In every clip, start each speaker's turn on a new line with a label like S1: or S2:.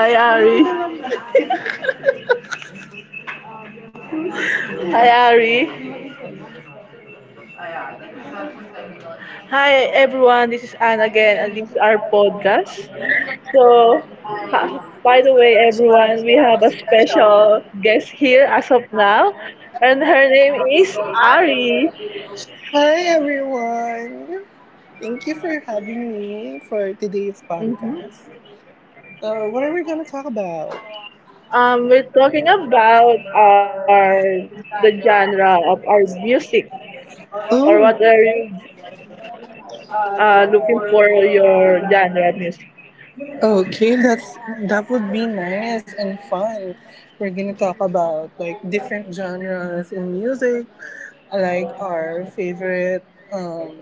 S1: Hi Ari. Hi Ari. Hi everyone. This
S2: So,
S1: is Anne again, and this is our podcast. So, by the way, everyone, we
S2: I
S1: have a
S2: was
S1: special
S2: special.
S1: guest here as of now,
S2: Exam.
S1: and her name
S2: So
S1: is
S2: I
S1: Ari.
S2: will be Hi everyone! Thank you for having me for today's
S1: Mhm.
S2: podcast. So, what are we gonna talk about? Um,
S1: We're talking about the
S2: talking
S1: genre
S2: about
S1: of our music, or what are
S2: ooh.
S1: you looking for your genre of music?
S2: Okay, that's that would be nice and fun. We're gonna talk about like different genres in music, like our favorite um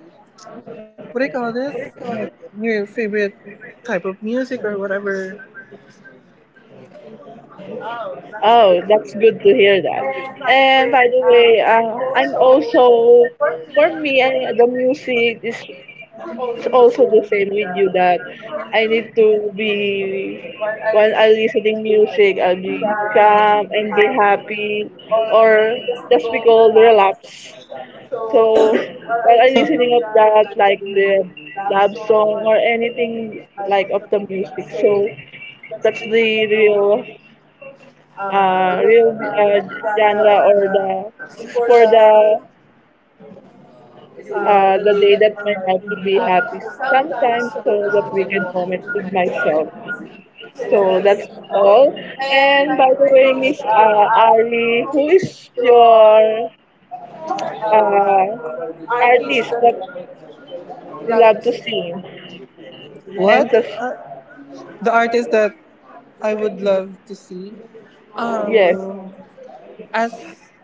S2: what do you call this? Like your favorite type of music or whatever.
S1: Oh, that's good to hear that. And by the way, I'm also for me, I, the music is also the same with you that I need to be while I'm listening music, I'll be
S2: That
S1: calm
S2: we
S1: and be
S2: have
S1: happy, or
S2: on this
S1: that's we call
S2: global
S1: relapse.
S2: platform. So,
S1: So
S2: what are
S1: while
S2: you
S1: I'm
S2: saying of
S1: listening of that,
S2: that
S1: like the
S2: you love
S1: love
S2: song
S1: song or
S2: or anything
S1: anything like of the
S2: as
S1: music, so
S2: say that's
S1: that's
S2: linked to
S1: the real
S2: your real
S1: real
S2: genre
S1: genre
S2: or
S1: or the
S2: the
S1: it's
S2: for
S1: for
S2: the the
S1: the
S2: day
S1: day
S2: that
S1: that
S2: will
S1: I
S2: not to
S1: have to
S2: be
S1: be
S2: happy
S1: happy
S2: sometimes
S1: sometimes
S2: so
S1: so
S2: that
S1: that we
S2: we can
S1: can
S2: walk to
S1: moment
S2: the
S1: with
S2: next
S1: myself,
S2: step. So
S1: so
S2: that's
S1: that's all.
S2: simple. And
S1: And
S2: by
S1: by
S2: the
S1: the way,
S2: way, this
S1: miss
S2: I
S1: Ali,
S2: will hope
S1: who is
S2: your
S1: your uh,
S2: artist
S1: artist
S2: that
S1: that you love to sing
S2: what?
S1: and just?
S2: Uh, the artist that I would love to see?
S1: Yes.
S2: Um, as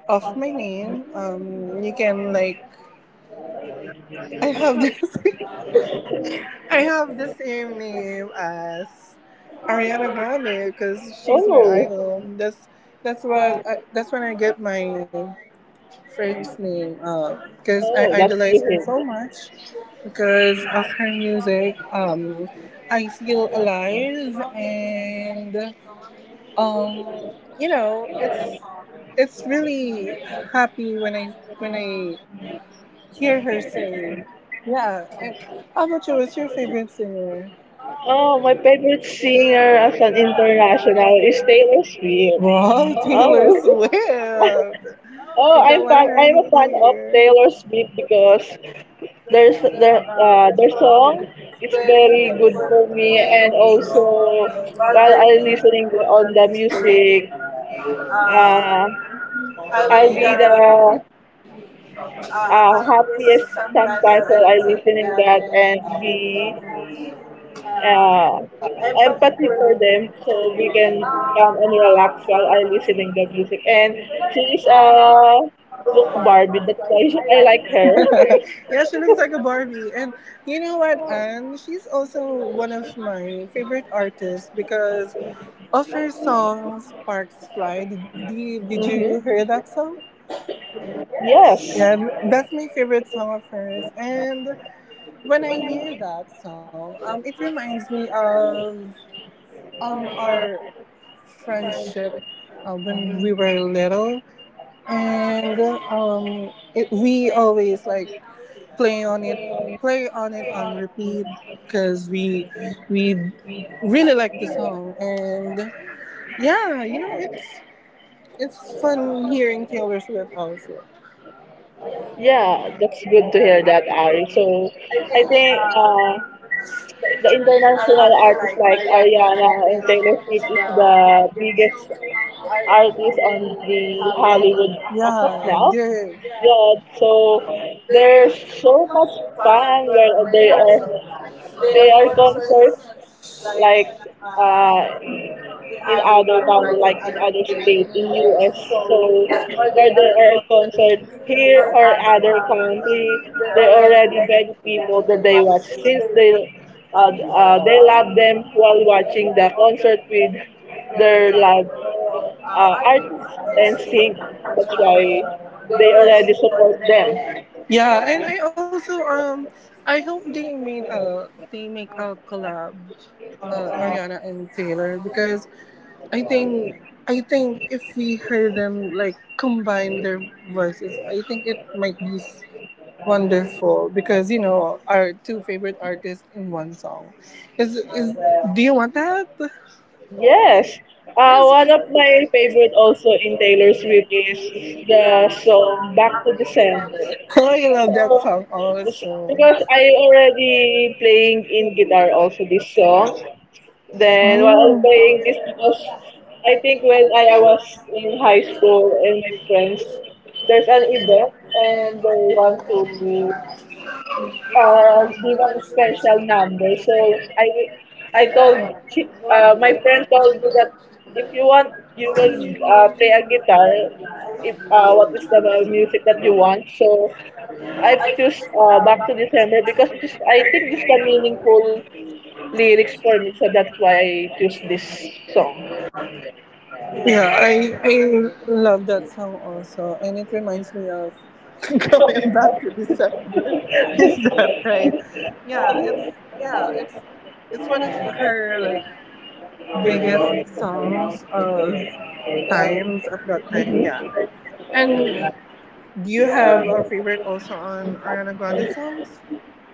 S2: of my name, you can like, I have this, I have the same name as Ariana Grande because she's my
S1: Oh.
S2: idol. That's what that's when I get my first name because I
S1: Oh, that's
S2: idolize
S1: good.
S2: her so much because of her music. I feel alive and um, you know it's really happy when I hear her sing. Yeah. And how about you? What's your favorite singer?
S1: Oh, my favorite singer as an international is Taylor Swift.
S2: Wow, Taylor
S1: Oh.
S2: Swift.
S1: Oh,
S2: We
S1: I'm
S2: got
S1: fan,
S2: one right
S1: I'm a fan of
S2: here.
S1: Taylor Swift because there's
S2: There's, there,
S1: their
S2: uh,
S1: uh,
S2: there's
S1: their
S2: clubs,
S1: song is
S2: very
S1: very good for me,
S2: important, and
S1: and
S2: also,
S1: also
S2: while
S1: while
S2: I
S1: I'm
S2: live
S1: listening
S2: on
S1: on the
S2: the
S1: music,
S2: beach, uh,
S1: uh,
S2: I
S1: I'll be
S2: would
S1: the
S2: have this
S1: happiest
S2: sometimes
S1: sometimes
S2: or
S1: while
S2: I
S1: I
S2: would say
S1: listening that
S2: that,
S1: and the
S2: and
S1: uh,
S2: empathy
S1: empathy
S2: for
S1: for them,
S2: them,
S1: so
S2: so
S1: we
S2: we can
S1: can
S2: calm
S1: come
S2: and
S1: and relax
S2: relax
S1: while
S2: from
S1: I
S2: everything.
S1: listening the music. And she is
S2: And
S1: a look
S2: Barbie
S1: Barbie, that's
S2: looks
S1: why
S2: like.
S1: I
S2: I
S1: like
S2: like
S1: her.
S2: her. Yeah, she looks like a Barbie. And you know what, Anne? She's also one of my favorite artists because of her song Sparks Fly. Did, did, did
S1: Hmm.
S2: you hear that song?
S1: Yes.
S2: Yeah, that's my favorite song of hers. And when I hear that song, it reminds me of our friendship when we were little. And it, we always like play on it play on it on repeat because we really like the song and yeah you know it's fun hearing Taylor Swift also.
S1: Yeah, that's
S2: I
S1: good to hear that, Ari. So, I think
S2: think the
S1: the
S2: the international
S1: international
S2: artists
S1: artists
S2: like
S1: like
S2: Ariana
S1: Ariana
S2: and
S1: and
S2: Taylor
S1: Taylor
S2: Swift
S1: Swift
S2: is
S1: is the
S2: the biggest
S1: biggest
S2: artists
S1: artist
S2: on
S1: on
S2: YouTube in
S1: the
S2: Hollywood.
S1: Hollywood as of now.
S2: Yeah,
S1: Yeah. So there's so much fun where
S2: there
S1: they
S2: they are
S1: are concert
S2: portraits like
S1: like uh
S2: the
S1: in
S2: other
S1: other
S2: kind of
S1: country,
S2: like
S1: like in other
S2: other
S1: state
S2: things
S1: in
S2: in
S1: US.
S2: US. So
S1: So
S2: or
S1: where
S2: they
S1: they are
S2: are
S1: concert
S2: portraits
S1: here
S2: or
S1: or
S2: other
S1: other country,
S2: they
S1: they
S2: already
S1: already
S2: like
S1: beg people
S2: whether
S1: that they
S2: they watch.
S1: watch since
S2: Six they
S1: they love
S2: love them
S1: them
S2: while
S1: while
S2: watching
S1: watching
S2: the
S1: the
S2: concert.
S1: concert with
S2: They
S1: their
S2: love
S1: love artists and
S2: artists.
S1: singers. That's
S2: That's why
S1: why
S2: they
S1: they already
S2: already.
S1: support them.
S2: Yeah, and I also I hope they made a they make a collab, uh, Ariana and Taylor because I think I think if we hear them like combine their voices, I think it might be wonderful because you know our two favorite artists in one song. Is do you want that?
S1: Yes. One of my favorite also in Taylor Swift is the song Back to December.
S2: Oh, I love that
S1: Uh,
S2: song also.
S1: because I already playing in guitar also this song. Then while I'm
S2: Oh.
S1: playing this because I
S2: I think
S1: think
S2: when
S1: when I,
S2: I
S1: I was
S2: was
S1: in
S2: in high
S1: high
S2: school,
S1: school and my friends, there's
S2: there's
S1: an
S2: a group
S1: event
S2: and
S1: and they
S2: I
S1: want
S2: want
S1: to
S2: to give a
S1: bilang special
S2: special number.
S1: number.
S2: So
S1: So I I
S2: I
S1: told
S2: told my
S1: my friend
S2: friend told
S1: told me
S2: me that
S1: that
S2: if
S1: if you
S2: you want
S1: want you
S2: to
S1: will play
S2: make
S1: a
S2: a
S1: guitar
S2: star,
S1: if what
S2: what
S1: is
S2: is
S1: the
S2: the value
S1: music that you
S2: that you want?
S1: want. So
S2: I
S1: I've choose
S2: use uh,
S1: Back
S2: back
S1: to December because it is, I think it's the
S2: I
S1: meaningful lyrics
S2: use
S1: for
S2: the
S1: me.
S2: for
S1: So that's why I
S2: me
S1: choose this
S2: to.
S1: song.
S2: Yeah, I love that song also, and it reminds me of going back to December. Is that right? Yeah, it's yeah, it's one of her like biggest songs of times of that time. Yeah. And do you have a favorite also on Ariana Grande songs?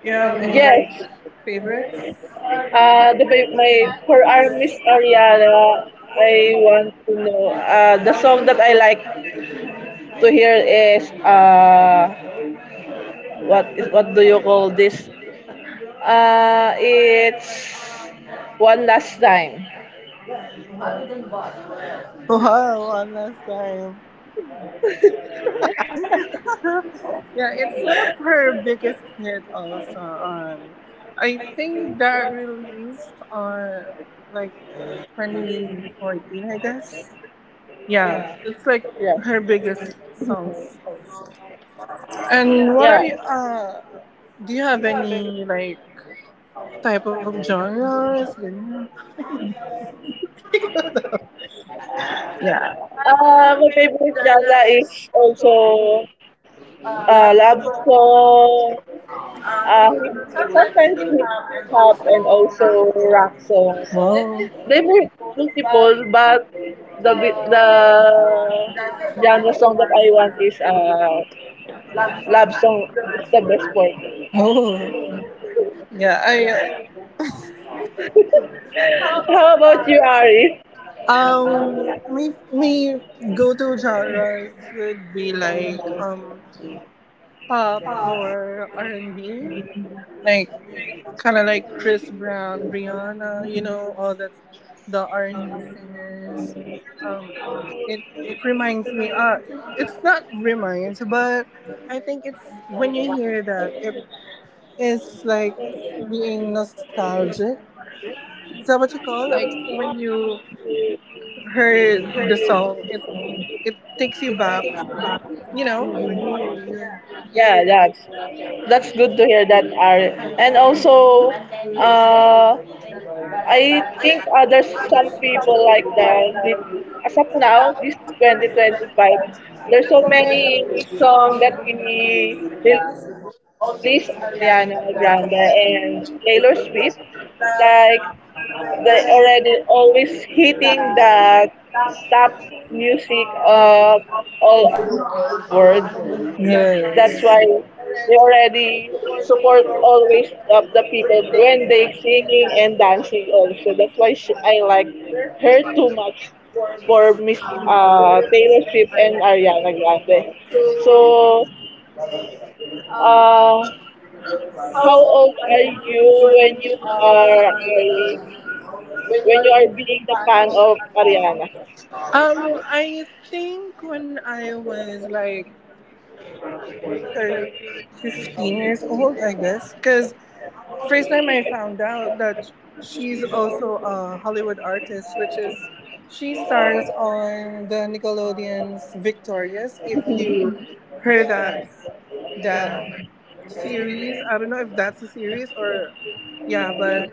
S2: You have any like
S1: Yes,
S2: favorites?
S1: my for our Miss Ariana, I want to know the song that I like to hear is what is what do you call this? Uh, it's one last time.
S2: Wow, one last time. Yeah, it's one of her biggest hit also on I think that released on like 2014 I guess. Yeah, it's like
S1: Yes.
S2: her biggest songs also. And what
S1: Yeah.
S2: are you do you have any like type of genres? Ganyan? Yeah.
S1: My favorite genre is also love song,
S2: Sometimes we have
S1: sometimes hip
S2: and
S1: hop and
S2: also
S1: also
S2: racks.
S1: rock song.
S2: Wow.
S1: They make
S2: Goes back
S1: multiple, but the
S2: the that
S1: genre song
S2: song
S1: that I want is
S2: love song
S1: love
S2: is
S1: song
S2: the
S1: is
S2: best
S1: the best
S2: for
S1: for
S2: me.
S1: me.
S2: Oh, yeah. I how about
S1: How
S2: you
S1: about you,
S2: Ari?
S1: Ari?
S2: Me me go to genres would be like pop or R and B. Like kind of like Chris Brown, Rihanna, you know, all that the R and B singers. Um, it reminds me. It's not reminds, but I think it's when you hear that, it is like being nostalgic. Is that what you call like when you heard the song? It takes you back. You know when you.
S1: Yeah, that's that's good to hear that, Ari. And also, uh,
S2: You
S1: I
S2: others
S1: think
S2: from
S1: there's
S2: people
S1: some
S2: like
S1: people like that.
S2: the so
S1: As
S2: now
S1: of now, this
S2: president
S1: 2025,
S2: but
S1: there's
S2: performance
S1: so
S2: of the
S1: many
S2: song
S1: song that we
S2: is
S1: release.
S2: also Miss
S1: Also, Miss
S2: Ariana and
S1: Ariana Grande and Taylor Swift.
S2: the
S1: Like they already always hitting the top music
S2: uh,
S1: of
S2: over the
S1: all over the world.
S2: world.
S1: That's why
S2: Yes.
S1: they already
S2: The word
S1: support
S2: already
S1: always of the people
S2: bring back
S1: when they singing and dancing also. That's why she,
S2: uh,
S1: I like
S2: very
S1: her too much
S2: for Miss
S1: for Miss Taylor Swift and Ariana
S2: Ariana.
S1: Grande.
S2: So
S1: So,
S2: uh,
S1: uh,
S2: how
S1: how
S2: old
S1: old
S2: are
S1: are
S2: you
S1: you when
S2: when
S1: you
S2: you
S1: are?
S2: are when you
S1: When you
S2: are
S1: are being
S2: a
S1: the
S2: fan
S1: fan
S2: of
S1: of
S2: Allah?
S1: Ariana.
S2: I think when I was like 13, 15 years old, I guess, because first time I found out that she's also a Hollywood artist, which is she stars on the Nickelodeon's Victorious. If you heard that, that series. I don't know if that's a series or yeah, but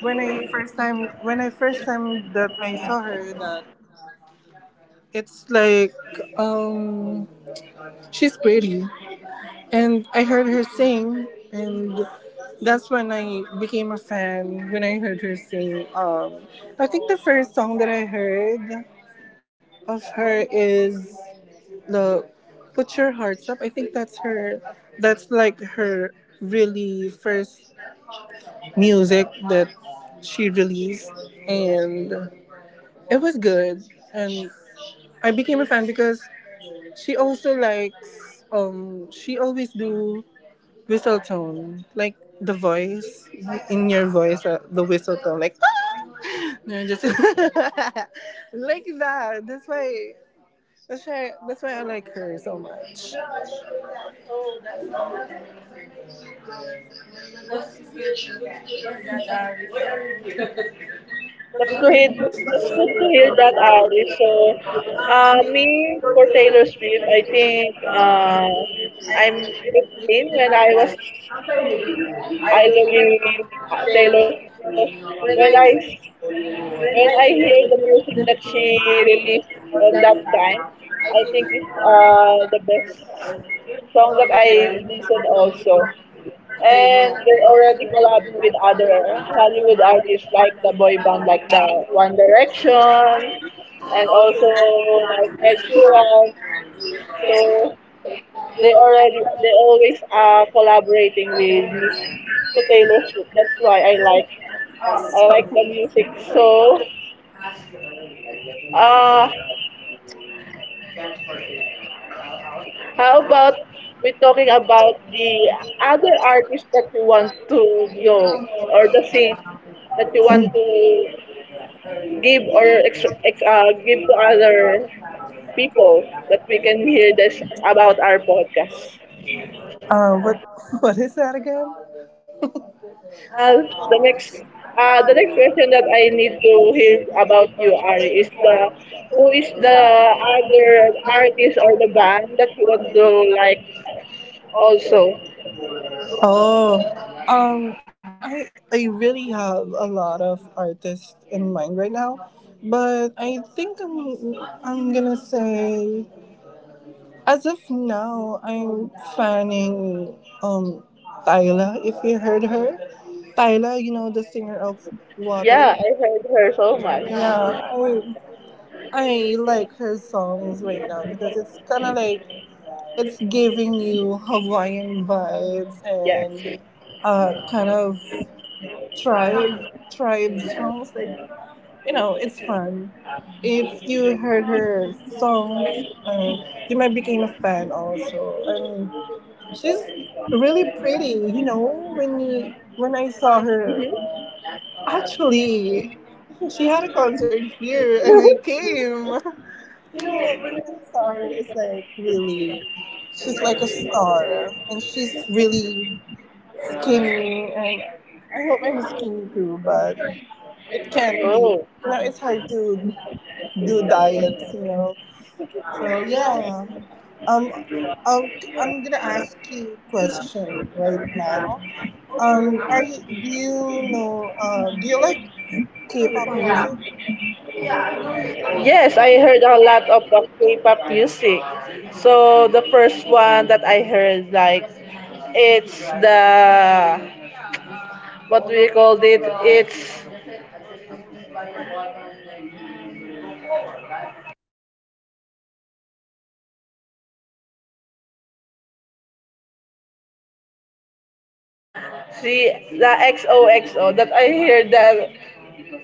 S2: when I first time that I saw her that it's like um she's pretty and I heard her sing and that's when I became a fan when I heard her sing I think the first song that I heard of her is the Put Your Hearts Up. I think that's her that's like her really first music that she released, and it was good. And I became a fan because she also likes she always do whistle tone like the voice in your voice the whistle tone like no, just like that. That's why I like her so much.
S1: That's
S2: I
S1: good.
S2: don't
S1: That's good to
S2: like
S1: hear that,
S2: Taylor
S1: Ari. So,
S2: Swift.
S1: me for Taylor Swift, I think I'm 15 when I was idling Taylor Swift because
S2: When
S1: when
S2: I
S1: I
S2: when
S1: when I
S2: I hear
S1: hear
S2: the
S1: the
S2: lyrics
S1: music
S2: on that
S1: that she
S2: song, I think
S1: released
S2: some of
S1: on that
S2: them
S1: time, I think
S2: also,
S1: it's the best song that I listened also.
S2: and
S1: And
S2: they
S1: they're
S2: already.
S1: already
S2: Play in
S1: collabing with other Hollywood
S2: Hollywood.
S1: artists like the boy band like the One Direction
S2: And
S1: and
S2: also
S1: also like Ed
S2: like so they already
S1: Sheeran. So
S2: to pay
S1: they already
S2: the
S1: they always are collaborating with music to Taylor Swift. That's why
S2: like
S1: like I
S2: a.
S1: like the music.
S2: So
S1: So
S2: uh,
S1: uh
S2: how
S1: how about
S2: about we
S1: we're
S2: talking
S1: talking
S2: about
S1: about
S2: the
S1: the other artists that you want to know or the sing that you want to give or give to other
S2: the other
S1: people
S2: people?
S1: that we can hear this about our podcast.
S2: What what is that again?
S1: Uh, the next
S2: The
S1: the
S2: next
S1: next question that
S2: question that I want
S1: I need
S2: to
S1: to
S2: do is
S1: hear about you,
S2: about
S1: Ari, is the
S2: Jessica.
S1: who
S2: Who is
S1: is
S2: the
S1: the other
S2: other artist
S1: artist
S2: or
S1: or
S2: the
S1: the
S2: band
S1: band that
S2: who
S1: you want
S2: you
S1: to
S2: like?
S1: like also?
S2: Oh, I really have a lot of artists in mind right now, but I think I'm gonna say as of now I'm fanning um Tyla if you heard her, Tyla you know the singer of
S1: Yeah,
S2: Water.
S1: I heard her so much.
S2: Yeah, I like her songs right now because it's kind of like it's giving you Hawaiian vibes
S1: Yes.
S2: and kind of tribe songs. Like you know, it's fun. If you heard her songs, you might become a fan also. And she's really pretty. You know, when I saw her, actually, she had a concert here, and I came. You know, Loretta Star is like really, she's like a star, and she's really skinny, and I hope I'm skinny too, but it can't be. You
S1: Oh.
S2: know, it's hard to do diets. You know, so yeah. Um, I'll, I'm gonna ask you a question right now. Are you? Do you know? Do you like K-pop music?
S1: Yes, I heard a lot of K-pop music. So the first one that I heard, like, it's the what do we call it? It's see the XOXO that I heard that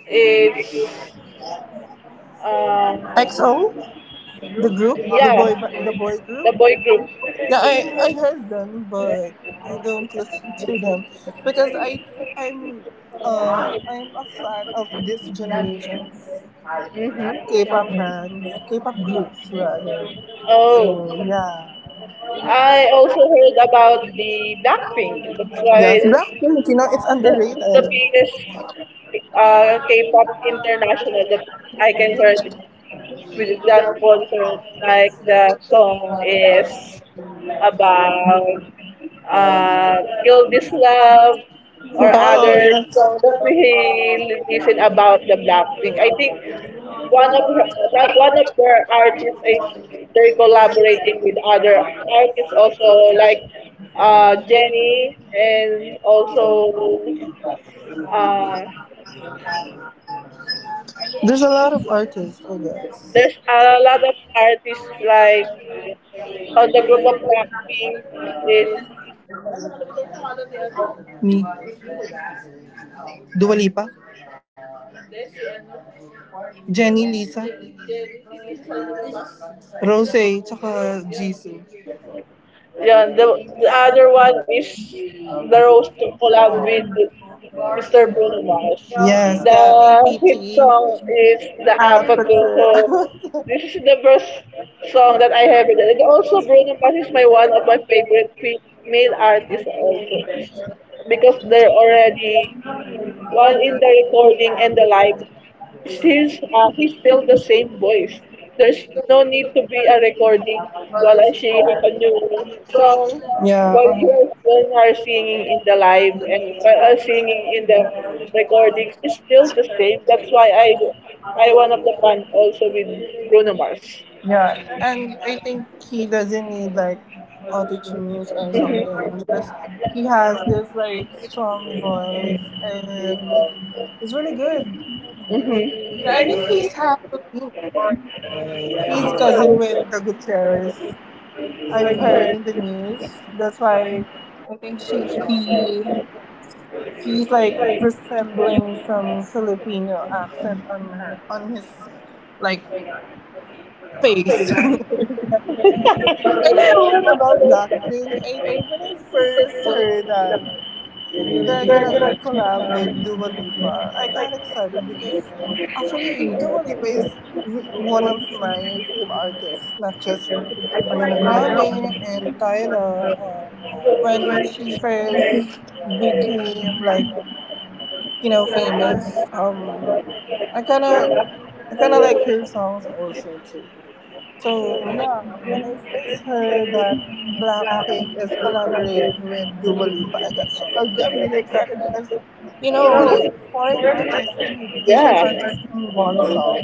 S1: it's um
S2: XO, the group,
S1: yeah
S2: the boy group.
S1: the boy group.
S2: Yeah, I heard them, but I don't listen to them because I'm I'm a fan of this generation's K-pop bands, K-pop groups rather.
S1: Oh,
S2: So yeah,
S1: I also heard about the Blackpink. That's
S2: yes,
S1: why
S2: Blackpink, you know, it's
S1: the, the
S2: underrated.
S1: biggest K-pop international that I can heard with the concert, like the song is about uh, Kill
S2: Oh,
S1: This Love or other
S2: yeah.
S1: song that we listen about the Blackpink. I think one of her, one of their artists is they're collaborating with other artists also like Jenny and also uh,
S2: There's a lot of artists, I guess.
S1: there's a lot of artists like on the group of Blackpink. It's
S2: Me. Dua Lipa. Jenny, Lisa, Rose, tsaka Jisoo.
S1: yeah. The other one is the Rose to collab with Mister Bruno Mars.
S2: Yes,
S1: The
S2: the
S1: hit
S2: APT.
S1: song
S2: Uh,
S1: is the Apathy. So
S2: but,
S1: this is the first song that I have written. And also Bruno Mars is my one of my favorite male artists also because they're already all in the recording and the live. Since he's still the
S2: uh,
S1: same voice. There's no need to be a recording while she has a new song,
S2: Yeah.
S1: while you husband are singing in the live and singing in the recording. It's still the same. That's why I one of the fan also with Bruno Mars.
S2: Yeah. And I think he doesn't need like auto tunes or something
S1: Mhm.
S2: because he has this like strong voice and it's really good. Yeah,
S1: Mhm.
S2: I think he's half Filipino. He's cousin with the Gutierrez I've heard in the news. That's why I think she he he's like resembling some Filipino accent on her on his like face. And you know what about Blackpink? I when I first heard that they're gonna collab with Dua Lipa, I got excited because actually Dua Lipa is one of my favorite artists, not just Ariana Grande and Tyler, when she first became like you know famous, I kind of I kind of like her songs also too. So yeah, when I first heard that Blackpink is collaborating with Dua Lipa, I got really excited because you know like foreign artists and Asian
S1: Yeah.
S2: artists in one song.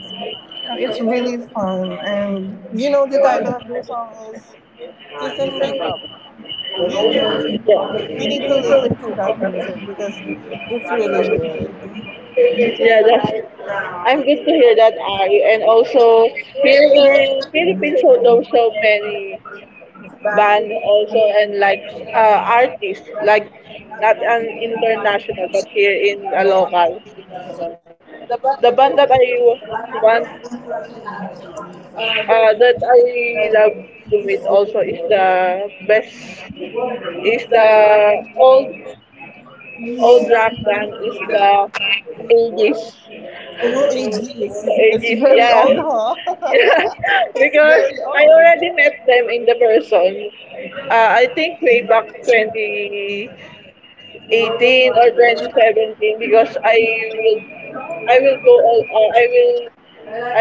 S2: It's really fun, and you know the title of the song is "Kiss and Makeup." You
S1: Yeah.
S2: you need to listen to that music because it's really good.
S1: Yeah. That's. I'm good to hear that, Ari. And also here in Philippines, so there's so many band also and like artists like not an international but here in a local, the band that i want that i love to meet also is the best is the old old rock band is the Ages.
S2: Ooh,
S1: The
S2: ages. It's
S1: Ages,
S2: very
S1: yeah.
S2: old, huh? It's
S1: Because
S2: very
S1: i already met them in the person i think way back
S2: old.
S1: twenty
S2: I
S1: 18 or
S2: will
S1: 2017 because will I will go
S2: go
S1: all
S2: out.
S1: I
S2: I will.
S1: will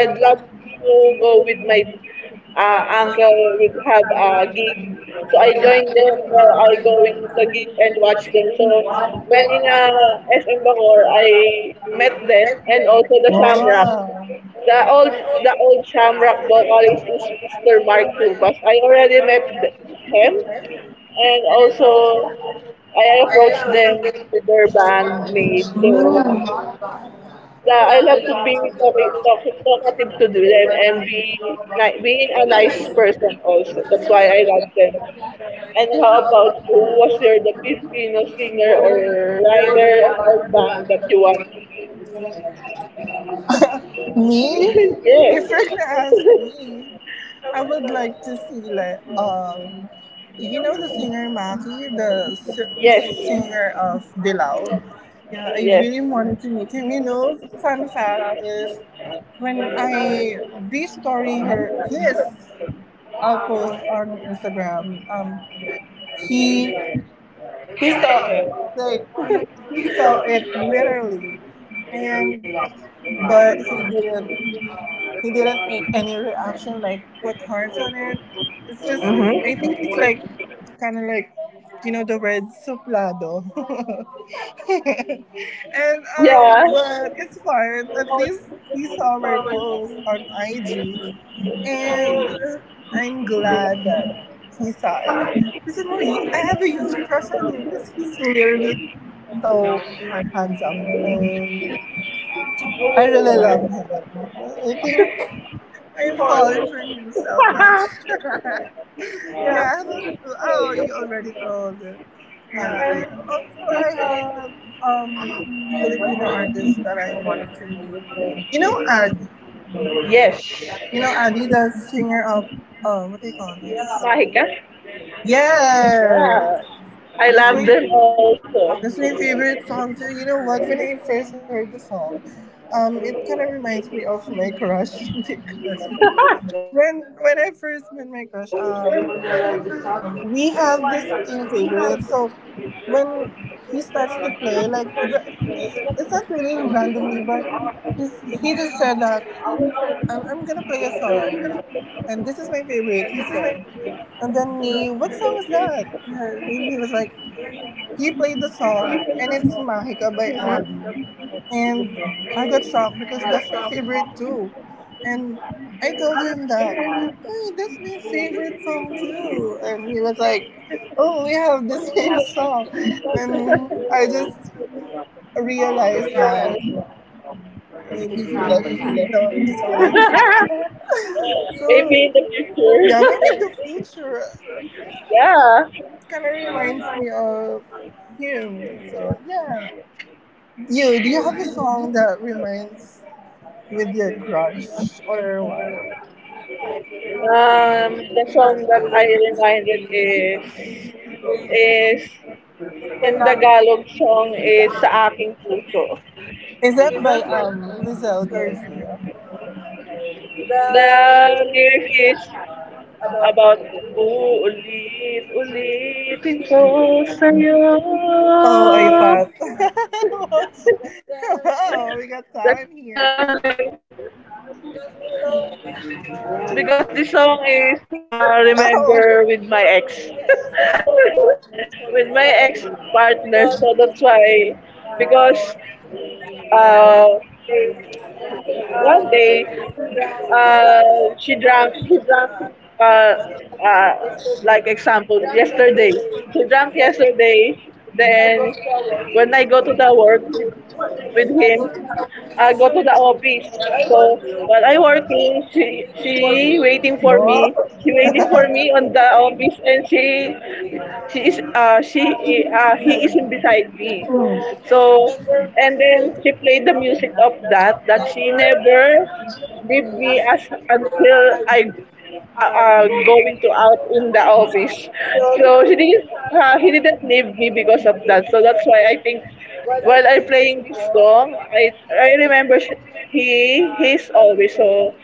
S1: I'd love
S2: got to
S1: to go with my
S2: go. After
S1: uncle would have a
S2: so I
S1: gig
S2: go
S1: so I joined them while I
S2: I go
S1: going to the gig and
S2: and
S1: watch
S2: watch
S1: them, so
S2: them.
S1: when in SM Bacoor I
S2: When
S1: met
S2: met
S1: them
S2: them,
S1: and also the Shamrock.
S2: wow. We
S1: The
S2: are also
S1: old Shamrock vocalist is Mister Mark
S2: my
S1: Tubas. I already
S2: friends.
S1: met him, and
S2: And
S1: also
S2: also I
S1: I
S2: have also
S1: approached
S2: been
S1: them with
S2: to
S1: their
S2: the
S1: bandmates.
S2: Mm.
S1: So,
S2: Yeah,
S1: la-
S2: I
S1: I love
S2: love
S1: to
S2: how
S1: be
S2: we cover
S1: talki- talk- talkative to
S2: the web,
S1: them and
S2: and how about
S1: being a
S2: and I
S1: nice
S2: see
S1: person also. That's why I love them. And
S2: and
S1: how
S2: how about you
S1: about you? Was
S2: watch
S1: there the
S2: the
S1: Filipino
S2: videos
S1: singer
S2: or
S1: or writer
S2: library
S1: or
S2: one by
S1: band that you want?
S2: the Me? If
S1: Yes.
S2: you're gonna ask me, I would like to see like you know the singer Maki, the
S1: Yes.
S2: singer of Bilal. Yeah, I
S1: Yes.
S2: really wanted to meet him. Fun fact is when I re-story her his post on Instagram, he he saw it. Like he saw it literally, and but he didn't. He didn't make any reaction. Like put hearts on it. It's just I think it's like kind of like you know the word suplado. and
S1: Yeah.
S2: But it's fine. At least he saw my post on IG, and I'm glad that he saw it. Listen, Marie, I have a huge crush on him because he's really so handsome, and I really love him. I think I'm falling for him so much. Yeah, I thought you. Oh, you already told. Yeah, and also I have um Filipino artists that I wanted to meet. You know Adi.
S1: Yes.
S2: You know Adi, the singer of what they call this?
S1: Mahika?
S2: Yeah,
S1: Yeah. I
S2: that's
S1: love
S2: my
S1: them also.
S2: that's my favorite song too. You know what? When I first heard the song, it kind of reminds me of my crush because when I first met my crush, we have the same favorite. So when he starts to play, it's not really randomly, but he's, he just said that I'm gonna play a song, and this is my favorite. He said, and then me, what song is that? And he was like. He played the song, and it's Mahika by Adi. And I got shocked because that's my favorite too. And I told him that, hey, that's my favorite song too. And he was like, oh, we have the same song. And I just realized that maybe he likes me. No, I'm just kidding.
S1: Maybe in the
S2: So, yeah, maybe
S1: future.
S2: in the future,
S1: Yeah.
S2: it kind of reminds me of him. So, yeah. You, do you have a song that reminds with your crush or what?
S1: Um, the song that I reminded is in Tagalog song is Sa Aking Puso.
S2: Is that by Lizelle Garcia?
S1: The lyric is about uulit ulitin ko sa'yo.
S2: Oh, I thought.
S1: That's the
S2: Wow, we
S1: lyrics.
S2: got time here.
S1: Because this song is remember with my ex. With my ex partner. So that's why. Because
S2: Oh.
S1: uh, one day he drank, uh, like example, yesterday. He drank yesterday. Then when I go to the work with him, go to the office. So while I working, she waiting for me. She
S2: No.
S1: waiting for me on the office, and she is she he is beside me. So and then she played the music of that she never leave me as until I going to out in the office.
S2: Oh.
S1: So she didn't he didn't leave me because of that. So that's why I think
S2: Well,
S1: while I'm playing this song,
S2: I
S1: he he's always so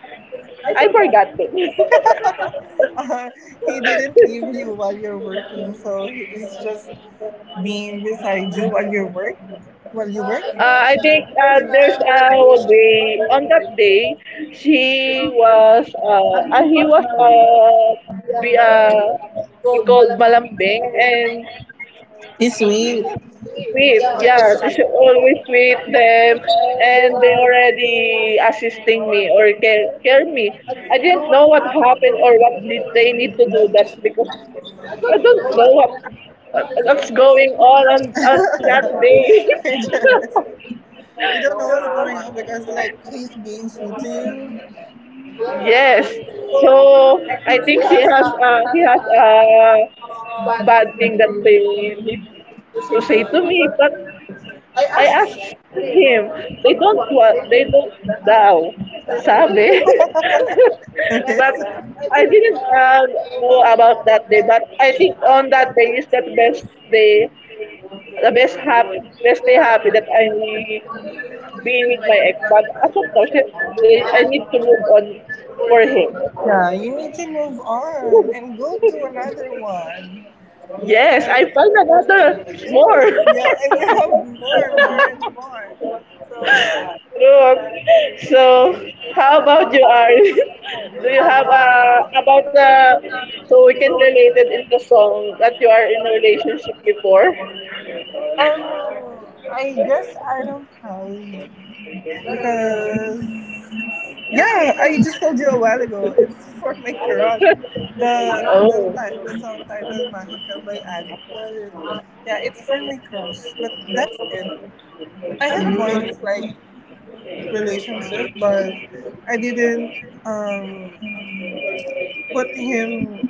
S2: I
S1: I
S2: forgot.
S1: forgot it.
S2: Uh, he didn't leave you while you're working, so he's just being beside you while you work. While you work.
S1: Uh, I think there's a day on that day she was he was be we called malambing and
S2: He's sweet.
S1: sweep. Yeah, they should always sweep them, and they already assisting me or care, care me. I didn't know what happened or what did they need to do that because I don't know what what's going on that day.
S2: It does. You don't know what's going on because, like, he's being sweet to you. Yes.
S1: Yes,
S2: So,
S1: so
S2: I think
S1: I think she has he
S2: has
S1: has
S2: a
S1: a
S2: bad
S1: bad
S2: thing that
S1: thing that they need
S2: that she
S1: to say to
S2: took.
S1: me, but
S2: But I
S1: I
S2: asked
S1: asked
S2: him,
S1: him, they don't
S2: "What was
S1: want, they
S2: it
S1: don't daw, sabi.
S2: that happened?" Okay.
S1: But
S2: I
S1: I
S2: didn't
S1: didn't
S2: know
S1: know
S2: about
S1: about
S2: that.
S1: that day,
S2: But
S1: but
S2: I
S1: I
S2: think
S1: think
S2: all
S1: on
S2: that they
S1: that day is that
S2: just.
S1: best day,
S2: The
S1: the
S2: best
S1: best
S2: part
S1: happy,
S2: is just
S1: best
S2: they
S1: day
S2: have
S1: happy that I
S2: the
S1: being
S2: being
S1: with
S2: with
S1: my ex. But
S2: my
S1: as of now, I need to move on for him.
S2: ex. Yeah, you need to move on and go to another one.
S1: Yes,
S2: And
S1: I found another more.
S2: yeah, and you have more, more and more. So
S1: Ruth, so how about you, Arlen?
S2: do
S1: Do you
S2: you
S1: have
S2: have
S1: about
S2: a
S1: the so we can
S2: project?
S1: relate it in the song that you are in a relationship before?
S2: I guess I don't have because yeah, I just told you a while ago. It's for my crush.
S1: Oh,
S2: The song title Mahika by Adi. But yeah, it's for my crush. But that's it. I had once like relationship, but I didn't um put him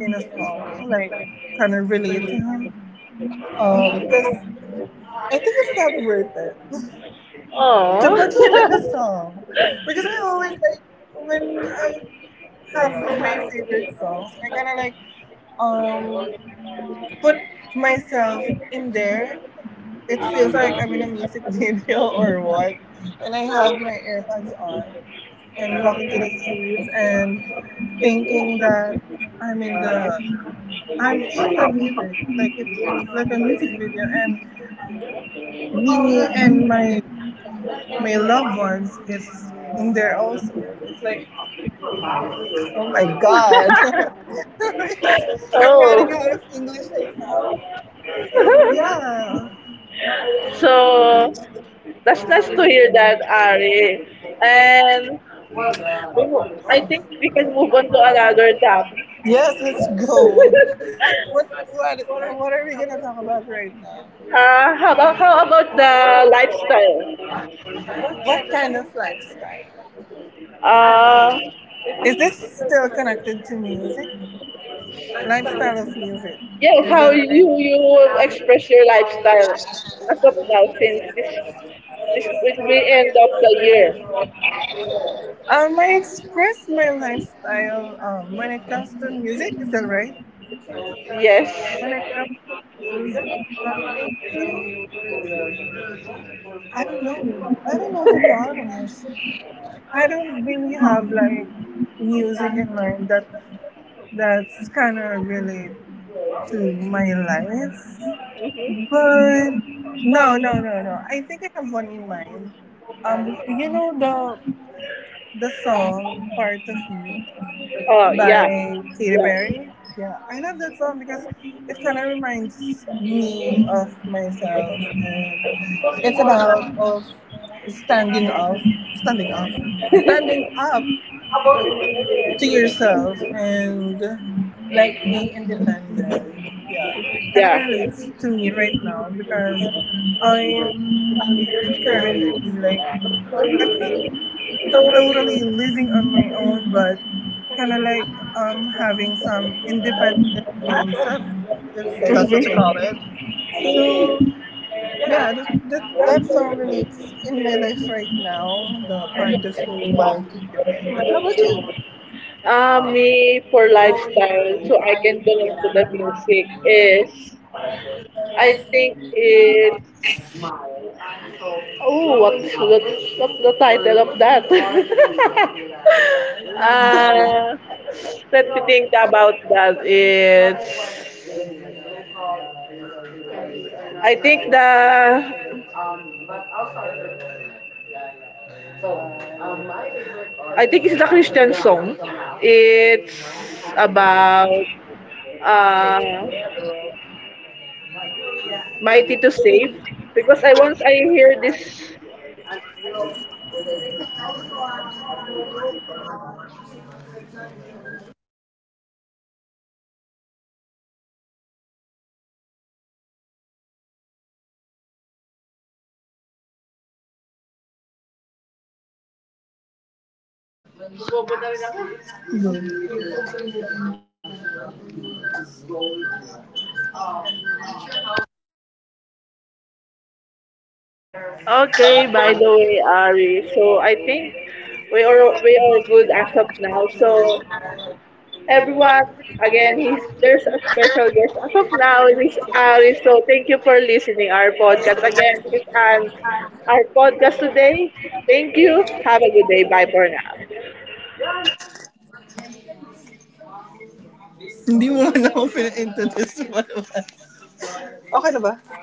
S2: in a song like kind of relate to him. Because I think it's not worth it to put him in a
S1: oh,
S2: song because I always like when I have my favorite songs, I kind of like um put myself in there. It feels like I'm in a music video or what when I have my AirPods on and walking to the streets and thinking that I'm in the I'm in the music. Like it's like a music video, and me and my loved ones is in there also. It's like oh my god. I'm running out of
S1: oh.
S2: English right now. So yeah.
S1: So that's nice to hear that, Ari. And I think we can move on to another topic.
S2: Yes, let's go. What what are we gonna talk about right now?
S1: Uh, how about the lifestyle?
S2: What kind of lifestyle?
S1: Uh,
S2: Is this still connected to music? Lifestyle of music. Is
S1: Yes,
S2: that
S1: how
S2: right?
S1: you express your lifestyle as of now since this will be end of the year.
S2: I express my lifestyle when it comes to music. Is that right?
S1: Yes.
S2: When it comes to music, um, I don't know. I don't know to be honest. I don't really have like music in mind that that's kind of relate to my life. But no, no, no, no. I think I have one in mind. You know the song "Part of You"
S1: Oh yeah.
S2: by Katy
S1: Yeah.
S2: Perry. Yeah, I love that song because it kind of reminds me of myself, and it's about of standing up, standing up, standing up to yourself, and like be independent. Yeah, kind of
S1: Yeah.
S2: relates to me right now because. I. Currently like I'm not totally living on my own, but kind of like having some independent mindset, if that's what you call
S1: Mhm.
S2: it. So yeah, that song relates in my life right now. The part is fully by Kiki Ben. How about you?
S1: Me for lifestyle, so I can connect to the music is I think it's oh what's the title of that? Uh, let me think about that. It's I think I think it's the Christian song. It's about uh, mighty to save because I once I hear this. Okay, by the way, Ari. So I think we are good as of now. So everyone, again, he's, there's a special guest as of now. This is Ari. So thank you for listening our podcast again. This is Ann, our podcast today. Thank you. Have a good day. Bye for now.
S2: Hindi mo na ako pina-into this one. Okay na ba?